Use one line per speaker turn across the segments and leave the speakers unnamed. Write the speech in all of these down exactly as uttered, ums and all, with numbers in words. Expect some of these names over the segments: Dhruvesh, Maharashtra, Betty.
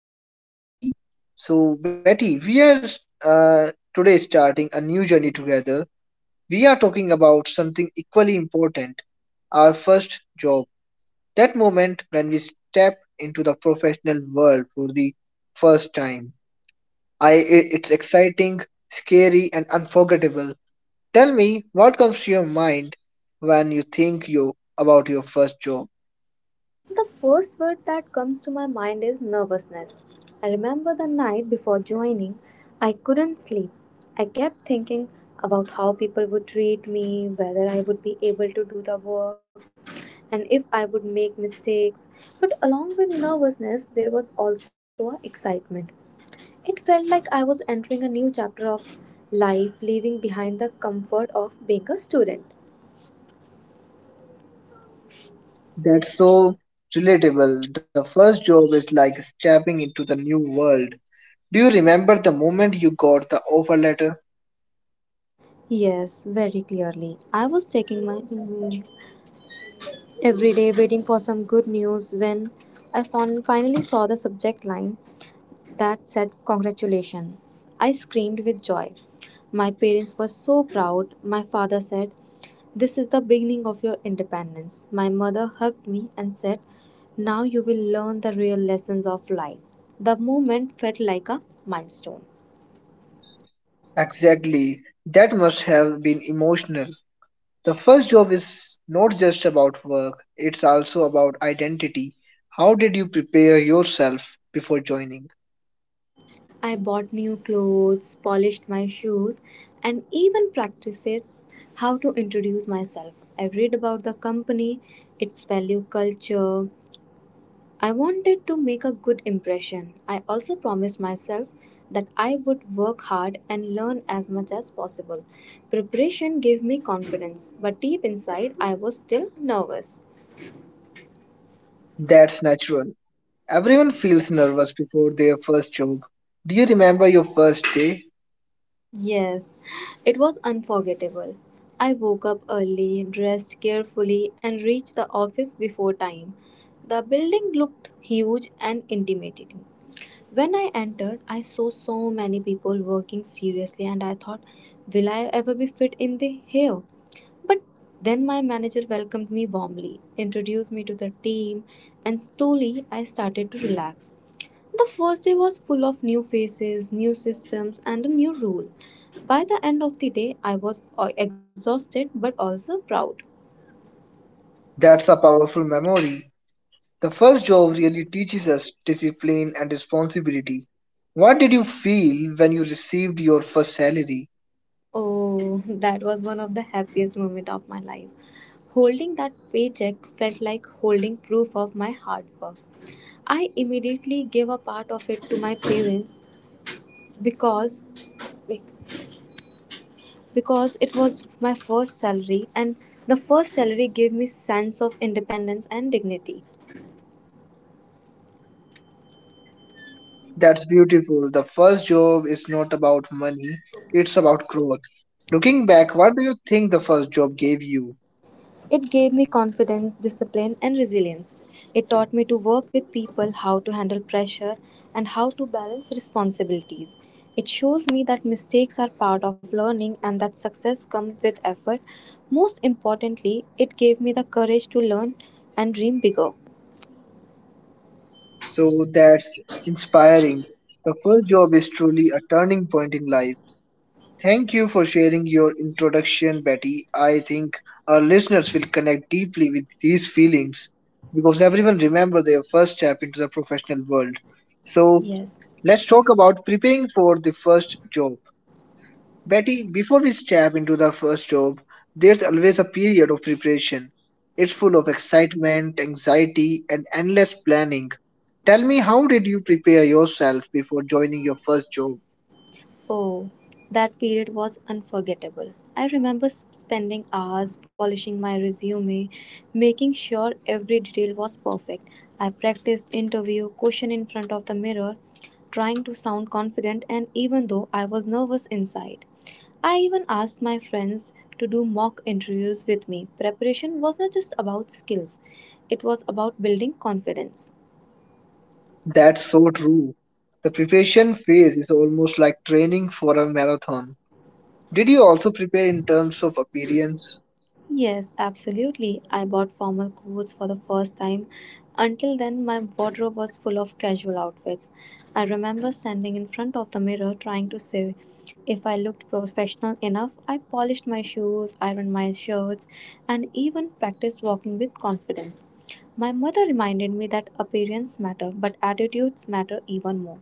Today we have Betty. So Betty, we are uh, today starting a new journey together. We are talking about something equally important, our first job. That moment when we step into the professional world for the first time. I i- it's exciting, scary and unforgettable. Tell me what comes to your mind when you think you about your first job.
The first word that comes to my mind is nervousness. I remember the night before joining, I couldn't sleep. I kept thinking about how people would treat me, whether I would be able to do the work, and if I would make mistakes. But along with nervousness, there was also excitement. It felt like I was entering a new chapter of life, leaving behind the comfort of being a student.
That's so relatable. The first job is like stepping into the new world. Do you remember the moment you got the offer letter?
Yes, very clearly. I was taking my every day waiting for some good news when I fin- finally saw the subject line that said, Congratulations. I screamed with joy. My parents were so proud. My father said, This is the beginning of your independence. My mother hugged me and said, Now you will learn the real lessons of life. The moment felt like a milestone.
Exactly. That must have been emotional. The first job is not just about work, it's also about identity. How did you prepare yourself before joining?
I bought new clothes, polished my shoes, and even practiced how to introduce myself. I read about the company, its value culture. I wanted to make a good impression. I also promised myself that I would work hard and learn as much as possible. Preparation gave me confidence, but deep inside, I was still nervous.
That's natural. Everyone feels nervous before their first job. Do you remember your first day?
Yes, it was unforgettable. I woke up early, dressed carefully, and reached the office before time. The building looked huge and intimidating. When I entered, I saw so many people working seriously, and I thought, will I ever be fit in the here? But then my manager welcomed me warmly, introduced me to the team, and slowly I started to relax. The first day was full of new faces, new systems, and a new rule. By the end of the day, I was uh, exhausted but also proud.
That's a powerful memory. The first job really teaches us discipline and responsibility. What did you feel when you received your first salary?
Oh, that was one of the happiest moments of my life. Holding that paycheck felt like holding proof of my hard work. I immediately gave a part of it to my parents because wait, because it was my first salary and the first salary gave me sense of independence and dignity.
That's beautiful. The first job is not about money, it's about growth. Looking back, what do you think the first job gave you?
It gave me confidence, discipline, and resilience. It taught me to work with people, how to handle pressure, and how to balance responsibilities. It shows me that mistakes are part of learning and that success comes with effort. Most importantly, it gave me the courage to learn and dream bigger.
So that's inspiring. The first job is truly a turning point in life. Thank you for sharing your introduction, Betty. I think our listeners will connect deeply with these feelings because everyone remembers their first step into the professional world. So,
Yes.
let's talk about preparing for the first job. Betty, before we step into the first job, there's always a period of preparation. It's full of excitement, anxiety, and endless planning. Tell me, how did you prepare yourself before joining your first job?
Oh, that period was unforgettable. I remember s- spending hours polishing my resume, making sure every detail was perfect. I practiced interview question in front of the mirror, trying to sound confident and even though I was nervous inside. I even asked my friends to do mock interviews with me. Preparation was not just about skills, it was about building confidence.
That's so true. The preparation phase is almost like training for a marathon. Did you also prepare in terms of appearance?
Yes, absolutely. I bought formal clothes for the first time. Until then, my wardrobe was full of casual outfits. I remember standing in front of the mirror trying to say if I looked professional enough. I polished my shoes, ironed my shirts, and even practiced walking with confidence. My mother reminded me that appearance matter, but attitudes matter even more.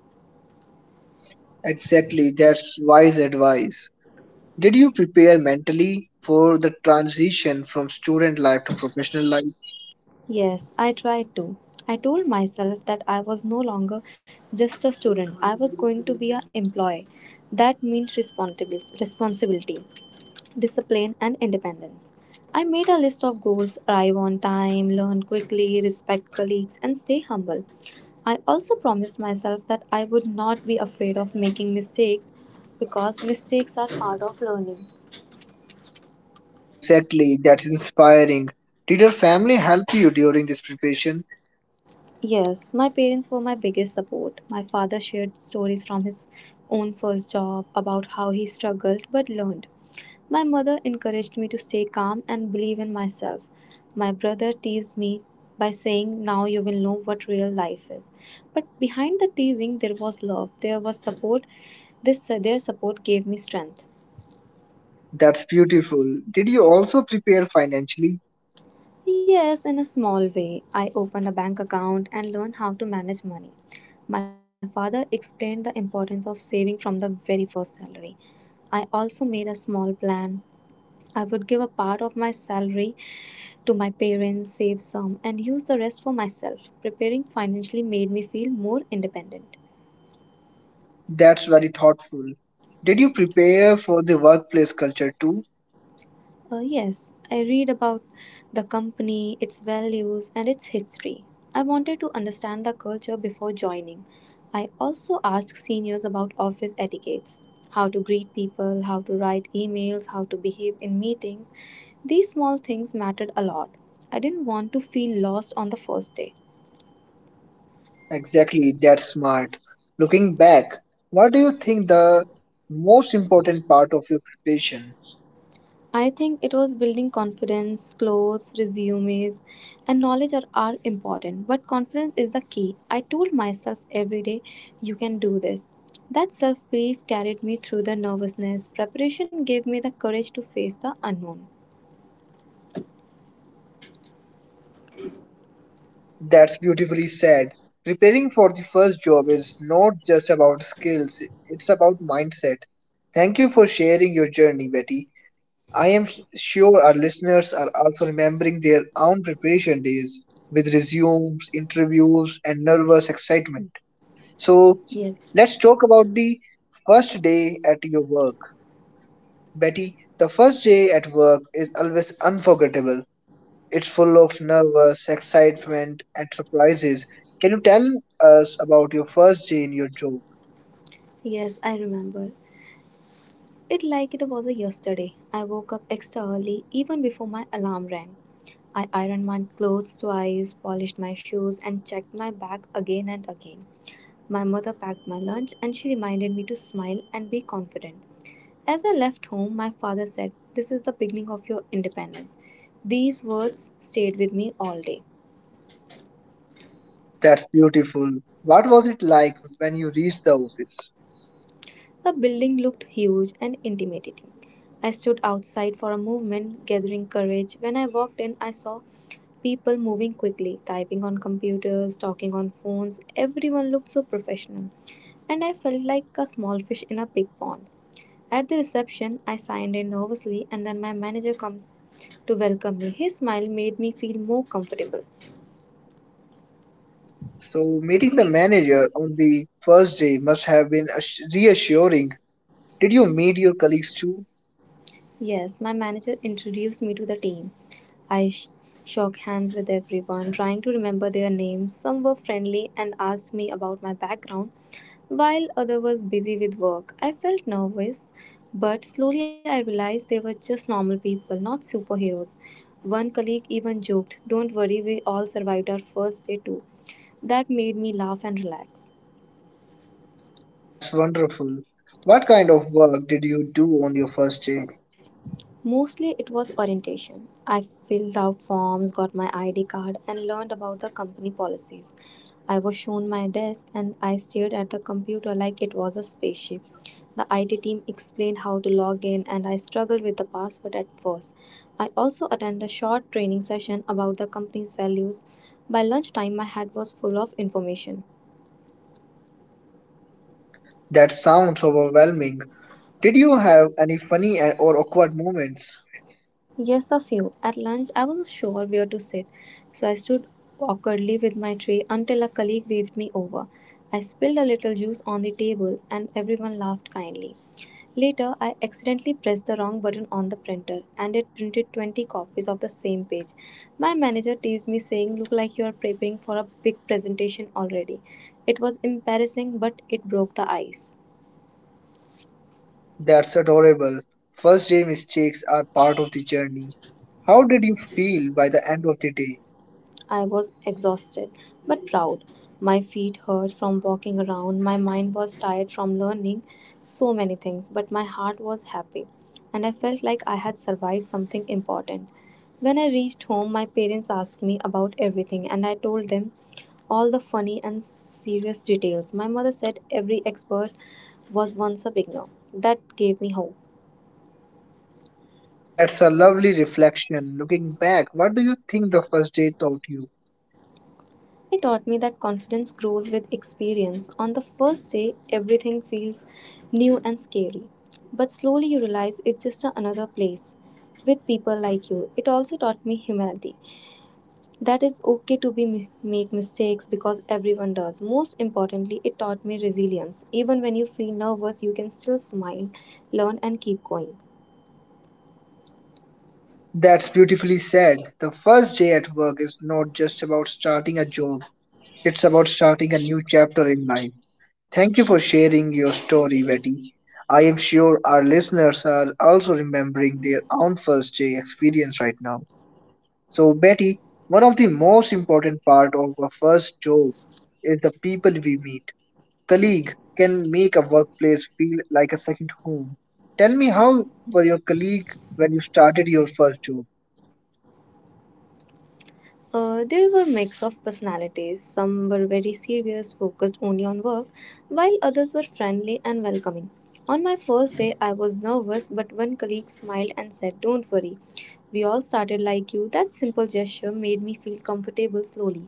Exactly, that's wise advice. Did you prepare mentally for the transition from student life to professional life?
Yes, I tried to. I told myself that I was no longer just a student. I was going to be an employee. That means responsibil- responsibility, discipline, and independence. I made a list of goals arrive on time, learn quickly, respect colleagues, and stay humble. I also promised myself that I would not be afraid of making mistakes because mistakes are part of learning.
Exactly, that's inspiring. Did your family help you during this preparation?
Yes, my parents were my biggest support. My father shared stories from his own first job about how he struggled but learned. My mother encouraged me to stay calm and believe in myself. My brother teased me by saying, Now you will know what real life is. But behind the teasing, there was love, there was support. This, their support gave me strength.
That's beautiful. Did you also prepare financially?
Yes, in a small way, I opened a bank account and learned how to manage money. My father explained the importance of saving from the very first salary. I also made a small plan. I would give a part of my salary to my parents, save some, and use the rest for myself. Preparing financially made me feel more independent.
That's very thoughtful. Did you prepare for the workplace culture too?
Uh, yes, I read about the company, its values, and its history. I wanted to understand the culture before joining. I also asked seniors about office etiquettes how to greet people, how to write emails, how to behave in meetings. These small things mattered a lot. I didn't want to feel lost on the first day.
Exactly, that's smart. Looking back, what do you think the most important part of your preparation?
I think it was building confidence, clothes, resumes, and knowledge are, are important, but confidence is the key. I told myself every day, you can do this. That self belief carried me through the nervousness. Preparation gave me the courage to face the unknown.
That's beautifully said. Preparing for the first job is not just about skills, it's about mindset. Thank you for sharing your journey, Betty. I am sh- sure our listeners are also remembering their own preparation days with resumes, interviews, and nervous excitement. So,
Yes.
let's talk about the first day at your work. Betty, the first day at work is always unforgettable. It's full of nervous excitement and surprises. Can you tell us about your first day in your job?
Yes, I remember. It like it was a yesterday. I woke up extra early even before my alarm rang. I ironed my clothes twice, polished my shoes and checked my bag again and again. My mother packed my lunch and she reminded me to smile and be confident. As I left home, my father said, This is the beginning of your independence. These words stayed with me all day.
That's beautiful. What was it like when you reached the office?
The building looked huge and intimidating. I stood outside for a moment, gathering courage. When I walked in, I saw people moving quickly, typing on computers, talking on phones. Everyone looked so professional, and I felt like a small fish in a big pond. At the reception, I signed in nervously, and then my manager came to welcome me. His smile made me feel more comfortable.
So, meeting the manager on the first day must have been ass- reassuring. Did you meet your colleagues too?
Yes, my manager introduced me to the team. I sh- shook hands with everyone, trying to remember their names. Some were friendly and asked me about my background, while others was busy with work. I felt nervous, but slowly I realized they were just normal people, not superheroes. One colleague even joked, "Don't worry, we all survived our first day too." That made me laugh and relax.
That's wonderful. What kind of work did you do on your first day?
Mostly it was orientation. I filled out forms, got my I D card, and learned about the company policies. I was shown my desk and I stared at the computer like it was a spaceship. The I T team explained how to log in, and I struggled with the password at first. I also attended a short training session about the company's values. By lunchtime, my head was full of information.
That sounds overwhelming. Did you have any funny and- or awkward moments?
Yes, a few. At lunch, I wasn't sure where to sit, so I stood awkwardly with my tray until a colleague waved me over. I spilled a little juice on the table, and everyone laughed kindly. Later, I accidentally pressed the wrong button on the printer, and it printed twenty copies of the same page. My manager teased me, saying, Look like you are preparing for a big presentation already. It was embarrassing, but it broke the ice.
That's adorable. First day mistakes are part of the journey. How did you feel by the end of the day?
I was exhausted but proud. My feet hurt from walking around, my mind was tired from learning so many things, but my heart was happy, and I felt like I had survived something important. When I reached home, my parents asked me about everything, and I told them all the funny and serious details. My mother said every expert was once a beginner. That gave me hope.
That's a lovely reflection. Looking back, what do you think the first day taught you?
He taught me that confidence grows with experience. On the first day, everything feels new and scary. But slowly you realize it's just another place with people like you. It also taught me humility. That is okay to be make mistakes because everyone does. Most importantly, it taught me resilience. Even when you feel nervous, you can still smile, learn and keep going.
That's beautifully said. The first day at work is not just about starting a job, it's about starting a new chapter in life. Thank you for sharing your story, Betty. I am sure our listeners are also remembering their own first day experience right now. So, Betty, one of the most important part of a first job is the people we meet. Colleague can make a workplace feel like a second home. Tell me, how were your colleague when you started your first job?
Uh, there were mix of personalities. Some were very serious, focused only on work, while others were friendly and welcoming. On my first day, I was nervous, but one colleague smiled and said, "Don't worry, we all started like you." That simple gesture made me feel comfortable slowly.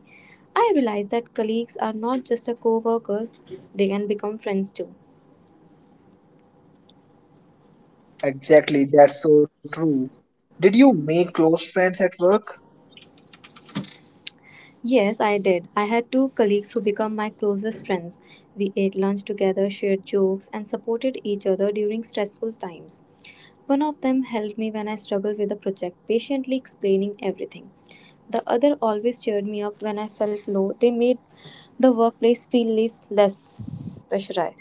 I realized that colleagues are not just a co-workers; they can become friends too.
Exactly, that's so true. Did you make close friends at work?
Yes, I did. I had two colleagues who became my closest friends. We ate lunch together, shared jokes, and supported each other during stressful times. One of them helped me when I struggled with a project, patiently explaining everything. The other always cheered me up when I felt low. They made the workplace feel less, less pressurized.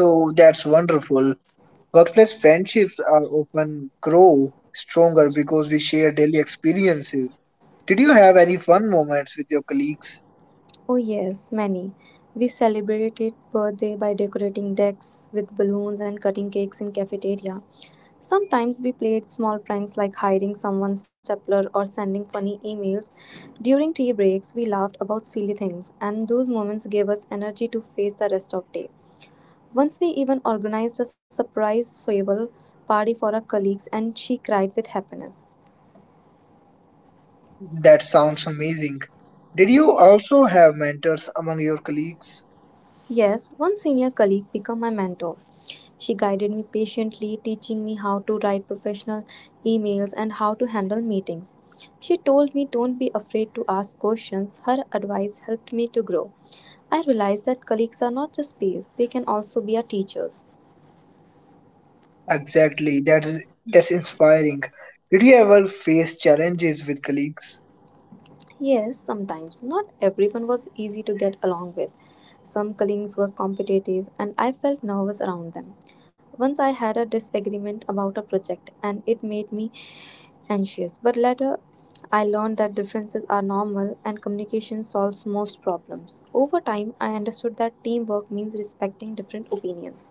So that's wonderful. Workplace friendships are often grow stronger because we share daily experiences. Did you have any fun moments with your colleagues?
Oh, yes, many. We celebrated birthday by decorating decks with balloons and cutting cakes in cafeteria. Sometimes we played small pranks like hiding someone's stapler or sending funny emails. During tea breaks, we laughed about silly things, and those moments gave us energy to face the rest of day. Once we even organized a surprise farewell party for our colleagues, and she cried with happiness.
That sounds amazing. Did you also have mentors among your colleagues?
Yes, one senior colleague became my mentor. She guided me patiently, teaching me how to write professional emails and how to handle meetings. She told me don't be afraid to ask questions. Her advice helped me to grow. I realized that colleagues are not just peers, they can also be our teachers.
Exactly. That is that's inspiring. Did you ever face challenges with colleagues?
Yes, sometimes. Not everyone was easy to get along with. Some colleagues were competitive, and I felt nervous around them. Once I had a disagreement about a project, and it made me anxious. But later, I learned that differences are normal and communication solves most problems. Over time, I understood that teamwork means respecting different opinions.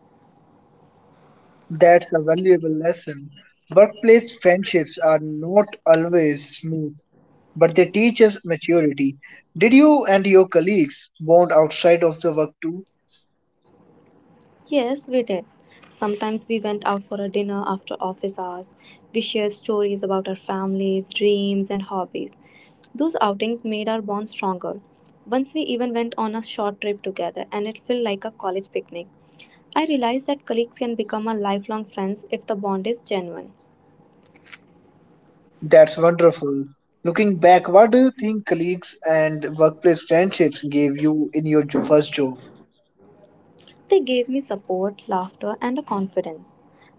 That's a valuable lesson. Workplace friendships are not always smooth but they teach us maturity. Did you and your colleagues bond outside of the work too?
Yes, we did. Sometimes we went out for a dinner after office hours. We shared stories about our families, dreams, and hobbies. Those outings made our bond stronger. Once we even went on a short trip together, and it felt like a college picnic. I realized that colleagues can become a lifelong friends if the bond is genuine.
That's wonderful. Looking back, what do you think colleagues and workplace friendships gave you in your jo- first job?
They gave me support, laughter, and a confidence.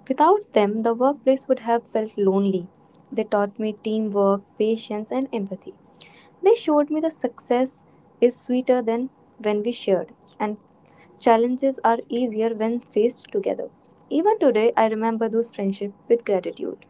Without them, the workplace would have felt lonely. They taught me teamwork, patience, and empathy. They showed me that success is sweeter than when we shared, and challenges are easier when faced together. Even today, I remember those friendships with gratitude.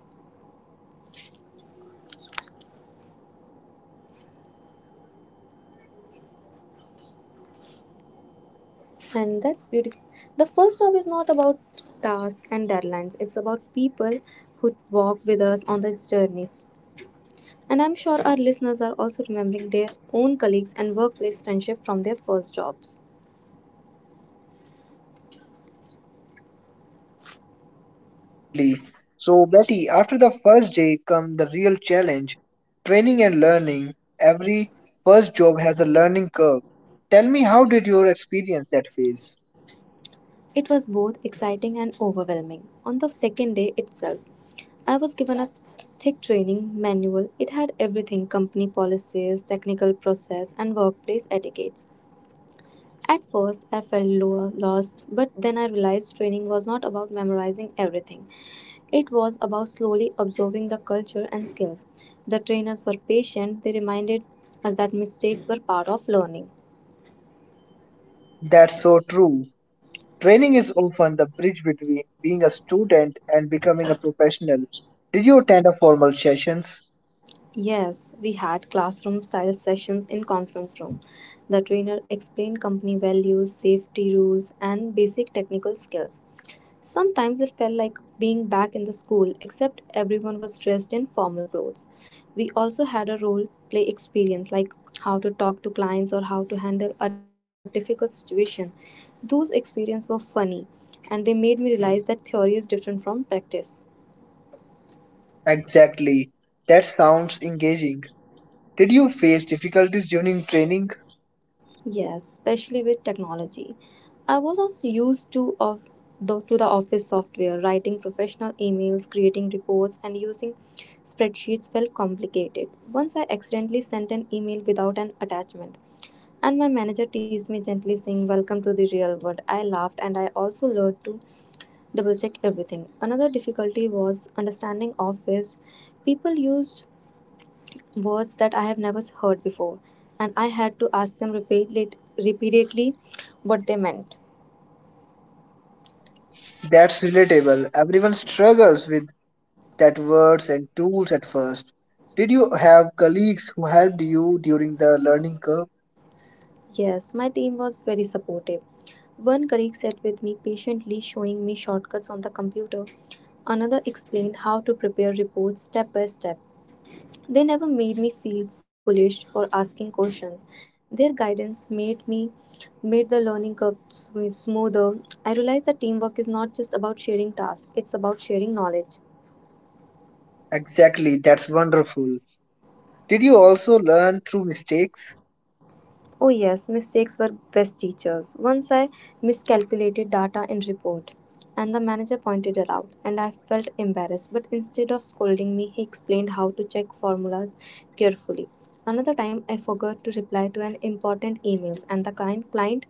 That's beautifully said. The first job is not just about tasks and deadlines, it's about people who walk with
And
us
that's beautiful.
on the
The
journey.
first job is not about tasks and deadlines, it's about people who walk with us on this journey. And I'm sure our listeners are also remembering their own colleagues and workplace friendship from their first jobs.
Exactly. So, Betty, after the first day come the real challenge, training and learning. Every first job has a learning curve. Tell me, how did your experience that phase?
It was both exciting and overwhelming. On the second day itself, I was given a thick training manual. It had everything company policies, technical process, and workplace etiquettes. At first, I felt lo- lost, but then I realized training was not about memorizing everything. It was about slowly absorbing the culture and skills. The trainers were patient, they reminded us that mistakes were part of learning.
That's so true. Training is often the bridge between being a student and becoming a professional. Did you attend a formal sessions?
Yes, we had classroom style sessions in conference room. The trainer explained company values, safety rules and basic technical skills. Sometimes it felt like being back in the school, except everyone was dressed in formal clothes. We also had a role play experience, like how to talk to clients or how to handle a difficult situation. Those experiences were funny and they made me realize that theory is different from practice.
Exactly. That sounds engaging. Did you face difficulties during training?
Yes, especially with technology. I wasn't used to of the, to the office software. Writing professional emails, creating reports, and using spreadsheets felt complicated. Once I accidentally sent an email without an attachment, and my manager teased me gently, saying, "Welcome to the real world." I laughed, and I also learned to double check everything. Another difficulty was understanding office. People used words that I have never heard before, and I had to ask them repeatedly, repeatedly what they meant.
That's relatable. Everyone struggles with that words and tools at first. Did you have colleagues who helped you during the learning curve?
Yes, my team was very supportive. One colleague sat with me patiently, showing me shortcuts on the computer. Another explained how to prepare reports step by step. They never made me feel foolish for asking questions. Their guidance made me made the learning curve sm- smoother. I realized that teamwork is not just about sharing tasks, it's about sharing knowledge.
Exactly, that's wonderful. Did you also learn through mistakes?
Oh yes, mistakes were best teachers. Once I miscalculated data in report and the manager pointed it out and I felt embarrassed but instead of scolding me he explained how to check formulas carefully. Another time I forgot to reply to an important emails and the kind client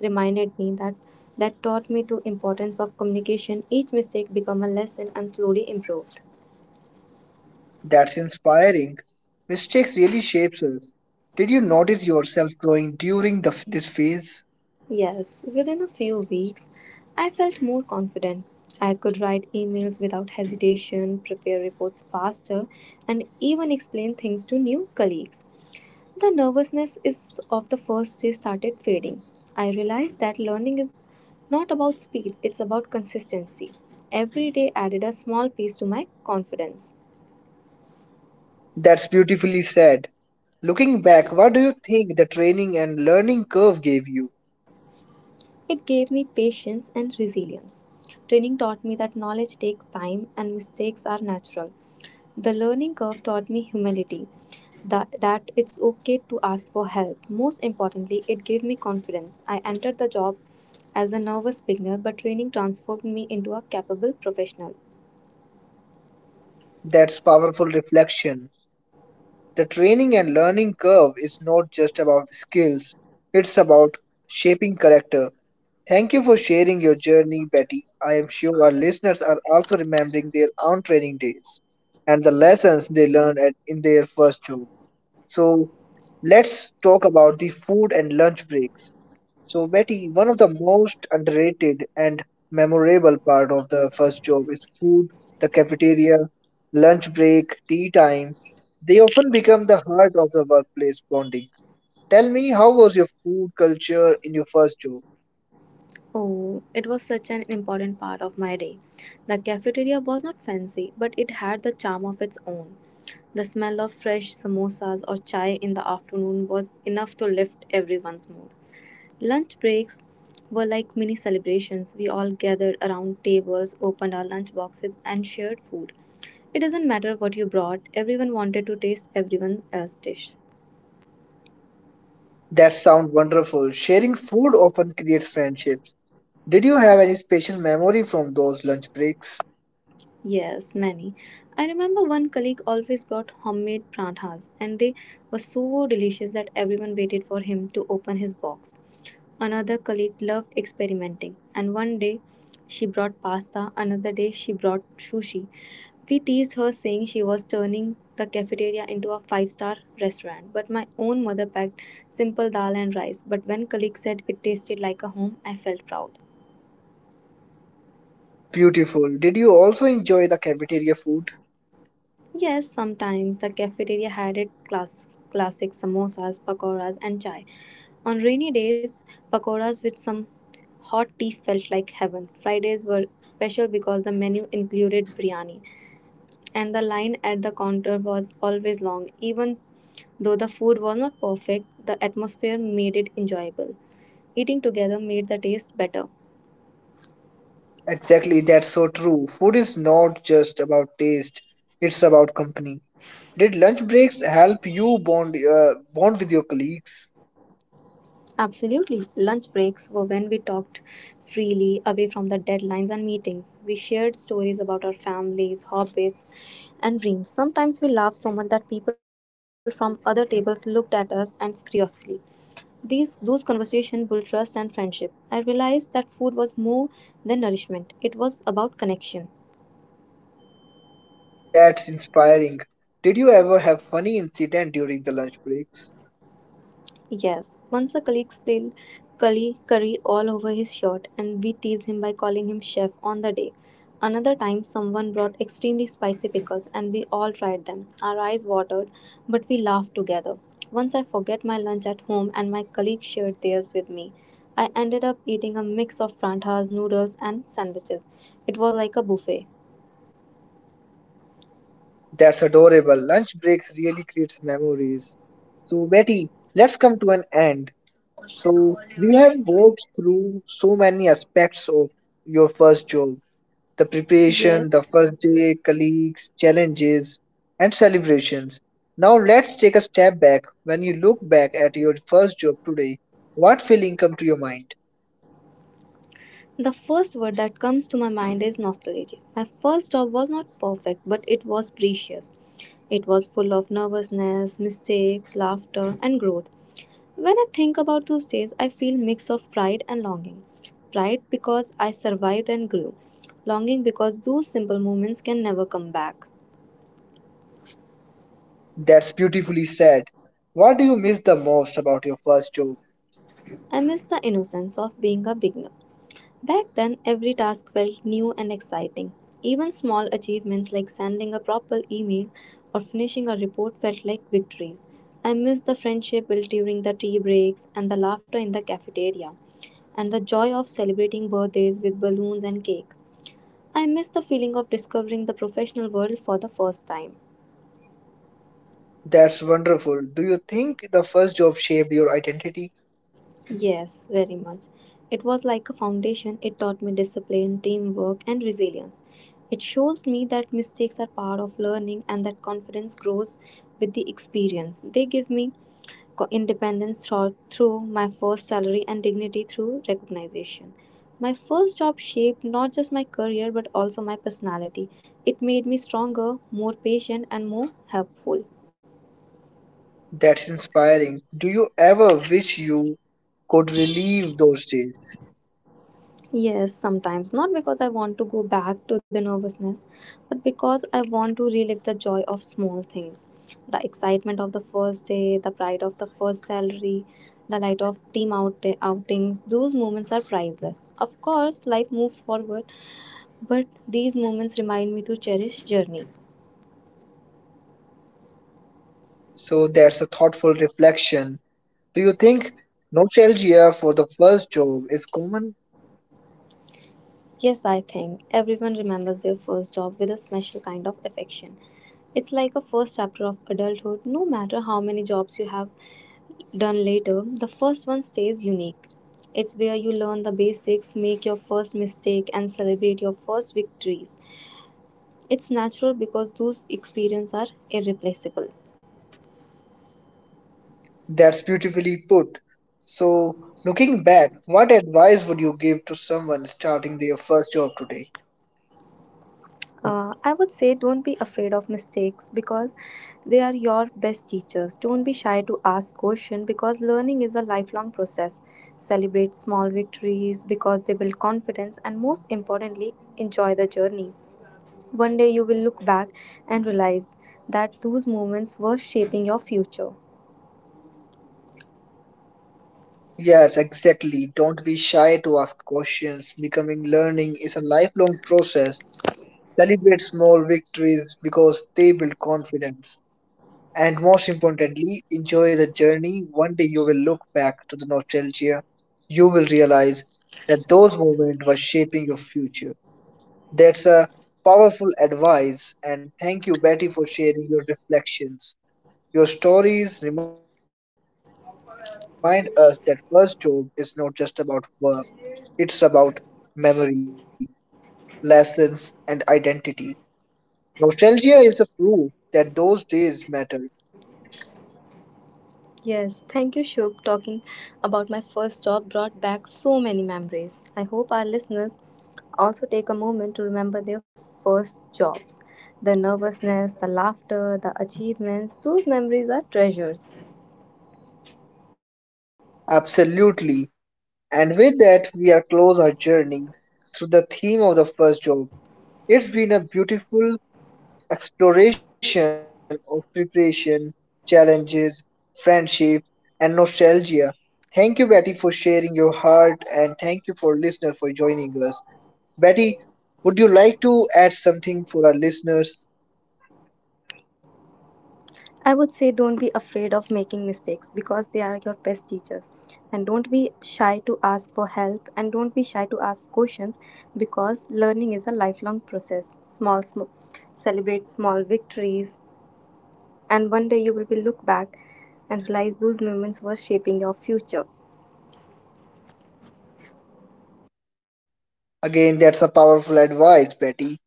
reminded me that that taught me to importance of communication. Each mistake became a lesson and slowly improved.
That's inspiring. Mistakes really shapes us. Did you notice yourself growing during the, this phase?
Yes, within a few weeks, I felt more confident. I could write emails without hesitation, prepare reports faster, and even explain things to new colleagues. The nervousness is of the first day started fading. I realized that learning is not about speed, it's about consistency. Every day added a small piece to my confidence.
That's beautifully said. Looking back, what do you think the training and learning curve gave you?
It gave me patience and resilience. Training taught me that knowledge takes time and mistakes are natural. The learning curve taught me humility, that, that it's okay to ask for help. Most importantly, it gave me confidence. I entered the job as a nervous beginner, but training transformed me into a capable professional.
That's powerful reflection. The training and learning curve is not just about skills, it's about shaping character. Thank you for sharing your journey, Betty. I am sure our listeners are also remembering their own training days and the lessons they learned at, in their first job. So, let's talk about the food and lunch breaks. So, Betty, one of the most underrated and memorable part of the first job is food, the cafeteria, lunch break, tea time. They often become the heart of the workplace bonding. Tell me, how was your food culture in your first job?
Oh, it was such an important part of my day. The cafeteria was not fancy, but it had the charm of its own. The smell of fresh samosas or chai in the afternoon was enough to lift everyone's mood. Lunch breaks were like mini celebrations. We all gathered around tables, opened our lunch boxes, and shared food. It doesn't matter what you brought, everyone wanted to taste everyone else's dish.
That sounds wonderful. Sharing food often creates friendships. Did you have any special memory from those lunch breaks?
Yes, many. I remember one colleague always brought homemade prathas, and they were so delicious that everyone waited for him to open his box. Another colleague loved experimenting, and one day she brought pasta, another day she brought sushi. We teased her, saying she was turning the cafeteria into a five star restaurant. But my own mother packed simple dal and rice. But when colleague said it tasted like a home, I felt proud.
That's beautiful. Did you also enjoy the cafeteria food?
Yes, sometimes the cafeteria had it class, classic samosas, pakoras, and chai. On rainy days, pakoras with some hot tea felt like heaven. Fridays were special because the menu included biryani, and the line at the counter was always long. Even though the food was not perfect, the atmosphere made it enjoyable. Eating together made the taste better.
Exactly, that's so true. Food is not just about taste, it's about company. Did lunch breaks help you bond uh, bond with your colleagues?
Absolutely. Lunch breaks were when we talked freely, away from the deadlines and meetings. We shared stories about our families, hobbies, and dreams. Sometimes we laughed so much that people from other tables looked at us and curiously. These those conversations built trust and friendship. I realized that food was more than nourishment. It was about connection.
That's inspiring. Did you ever have funny incident during the lunch breaks?
Yes, once a colleague spilled curry, curry all over his shirt, and we teased him by calling him chef on the day. Another time, someone brought extremely spicy pickles, and we all tried them. Our eyes watered, but we laughed together. Once I forget my lunch at home, and my colleague shared theirs with me. I ended up eating a mix of prantas, noodles, and sandwiches. It was like a buffet.
That's adorable. Lunch breaks really creates memories. So Betty, let's come to an end. So we have walked through so many aspects of your first job, the
Yes.
preparation, the first day, colleagues, challenges, and celebrations. Now let's take a step back. When you look back at your first job today, what feeling come to your mind?
The first word that comes to my mind is nostalgia. My first job was not perfect, but it was precious. It was full of nervousness, mistakes, laughter, and growth. When I think about those days, I feel mix of pride and longing. Pride because I survived and grew. Longing because those simple moments can never come back.
That's beautifully said. What do you miss the most about your first job?
I miss the innocence of being a beginner. Back then, every task felt new and exciting. Even small achievements like sending a proper email or finishing a report felt like victories. I miss the friendship built during the tea breaks and the laughter in the cafeteria and the joy of celebrating birthdays with balloons and cake. I miss the feeling of discovering the professional world for the first time.
That's wonderful. Do you think the first job shaped your identity?
Yes, very much. It was like a foundation. It taught me discipline, teamwork, and resilience. It shows me that mistakes are part of learning and that confidence grows with the experience. They give me co- independence thro- through my first salary and dignity through recognition. My first job shaped not just my career but also my personality. It made me stronger, more patient, and more helpful.
That's inspiring. Do you ever wish you could relive those days?
Yes, sometimes. Not because I want to go back to the nervousness, but because I want to relive the joy of small things. The excitement of the first day, the pride of the first salary, the light of team out- outings. Those moments are priceless. Of course, life moves forward, but these moments remind me to cherish journey.
So that's a thoughtful reflection. Do you think nostalgia for the first job is common?
Yes, I think everyone remembers their first job with a special kind of affection. It's like a first chapter of adulthood, no matter how many jobs you have done later, the first one stays unique. It's where you learn the basics, make your first mistake, and celebrate your first victories. It's natural because those experiences are irreplaceable.
That's beautifully put. So, looking back, what advice would you give to someone starting their first job today?
Uh, I would say don't be afraid of mistakes because they are your best teachers. Don't be shy to ask questions because learning is a lifelong process. Celebrate small victories because they build confidence and, most importantly, enjoy the journey. One day you will look back and realize that those moments were shaping your future.
Yes, exactly. Don't be shy to ask questions. Becoming learning is a lifelong process. Celebrate small victories because they build confidence. And most importantly, enjoy the journey. One day you will look back to the nostalgia. You will realize that those moments were shaping your future. That's a powerful advice, and thank you, Betty, for sharing your reflections. Your stories remind us that first job is not just about work, it's about memory, lessons, and identity. Nostalgia is a proof that those days mattered.
Yes, thank you, Shubh. Talking about my first job brought back so many memories. I hope our listeners also take a moment to remember their first jobs. The nervousness, the laughter, the achievements, those memories are treasures.
Absolutely. And with that, we are close our journey through the theme of the first job. It's been a beautiful exploration of preparation, challenges, friendship, and nostalgia. Thank you, Betty, for sharing your heart, and thank you for listener for joining us. Betty, would you like to add something for our listeners?
I would say don't be afraid of making mistakes because they are your best teachers. And don't be shy to ask for help and don't be shy to ask questions because learning is a lifelong process. Small, small celebrate small victories and one day you will be look back and realize those moments were shaping your future.
Again, that's a powerful advice, Betty.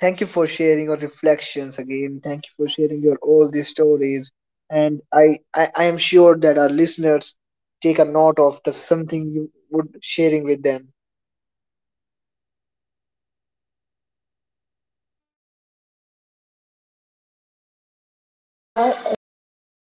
Thank you for sharing your reflections again. Thank you for sharing your all these stories. And I, I, I am sure that our listeners take a note of the something you would sharing with them.
Yes, and one more thing is that enjoy everything in your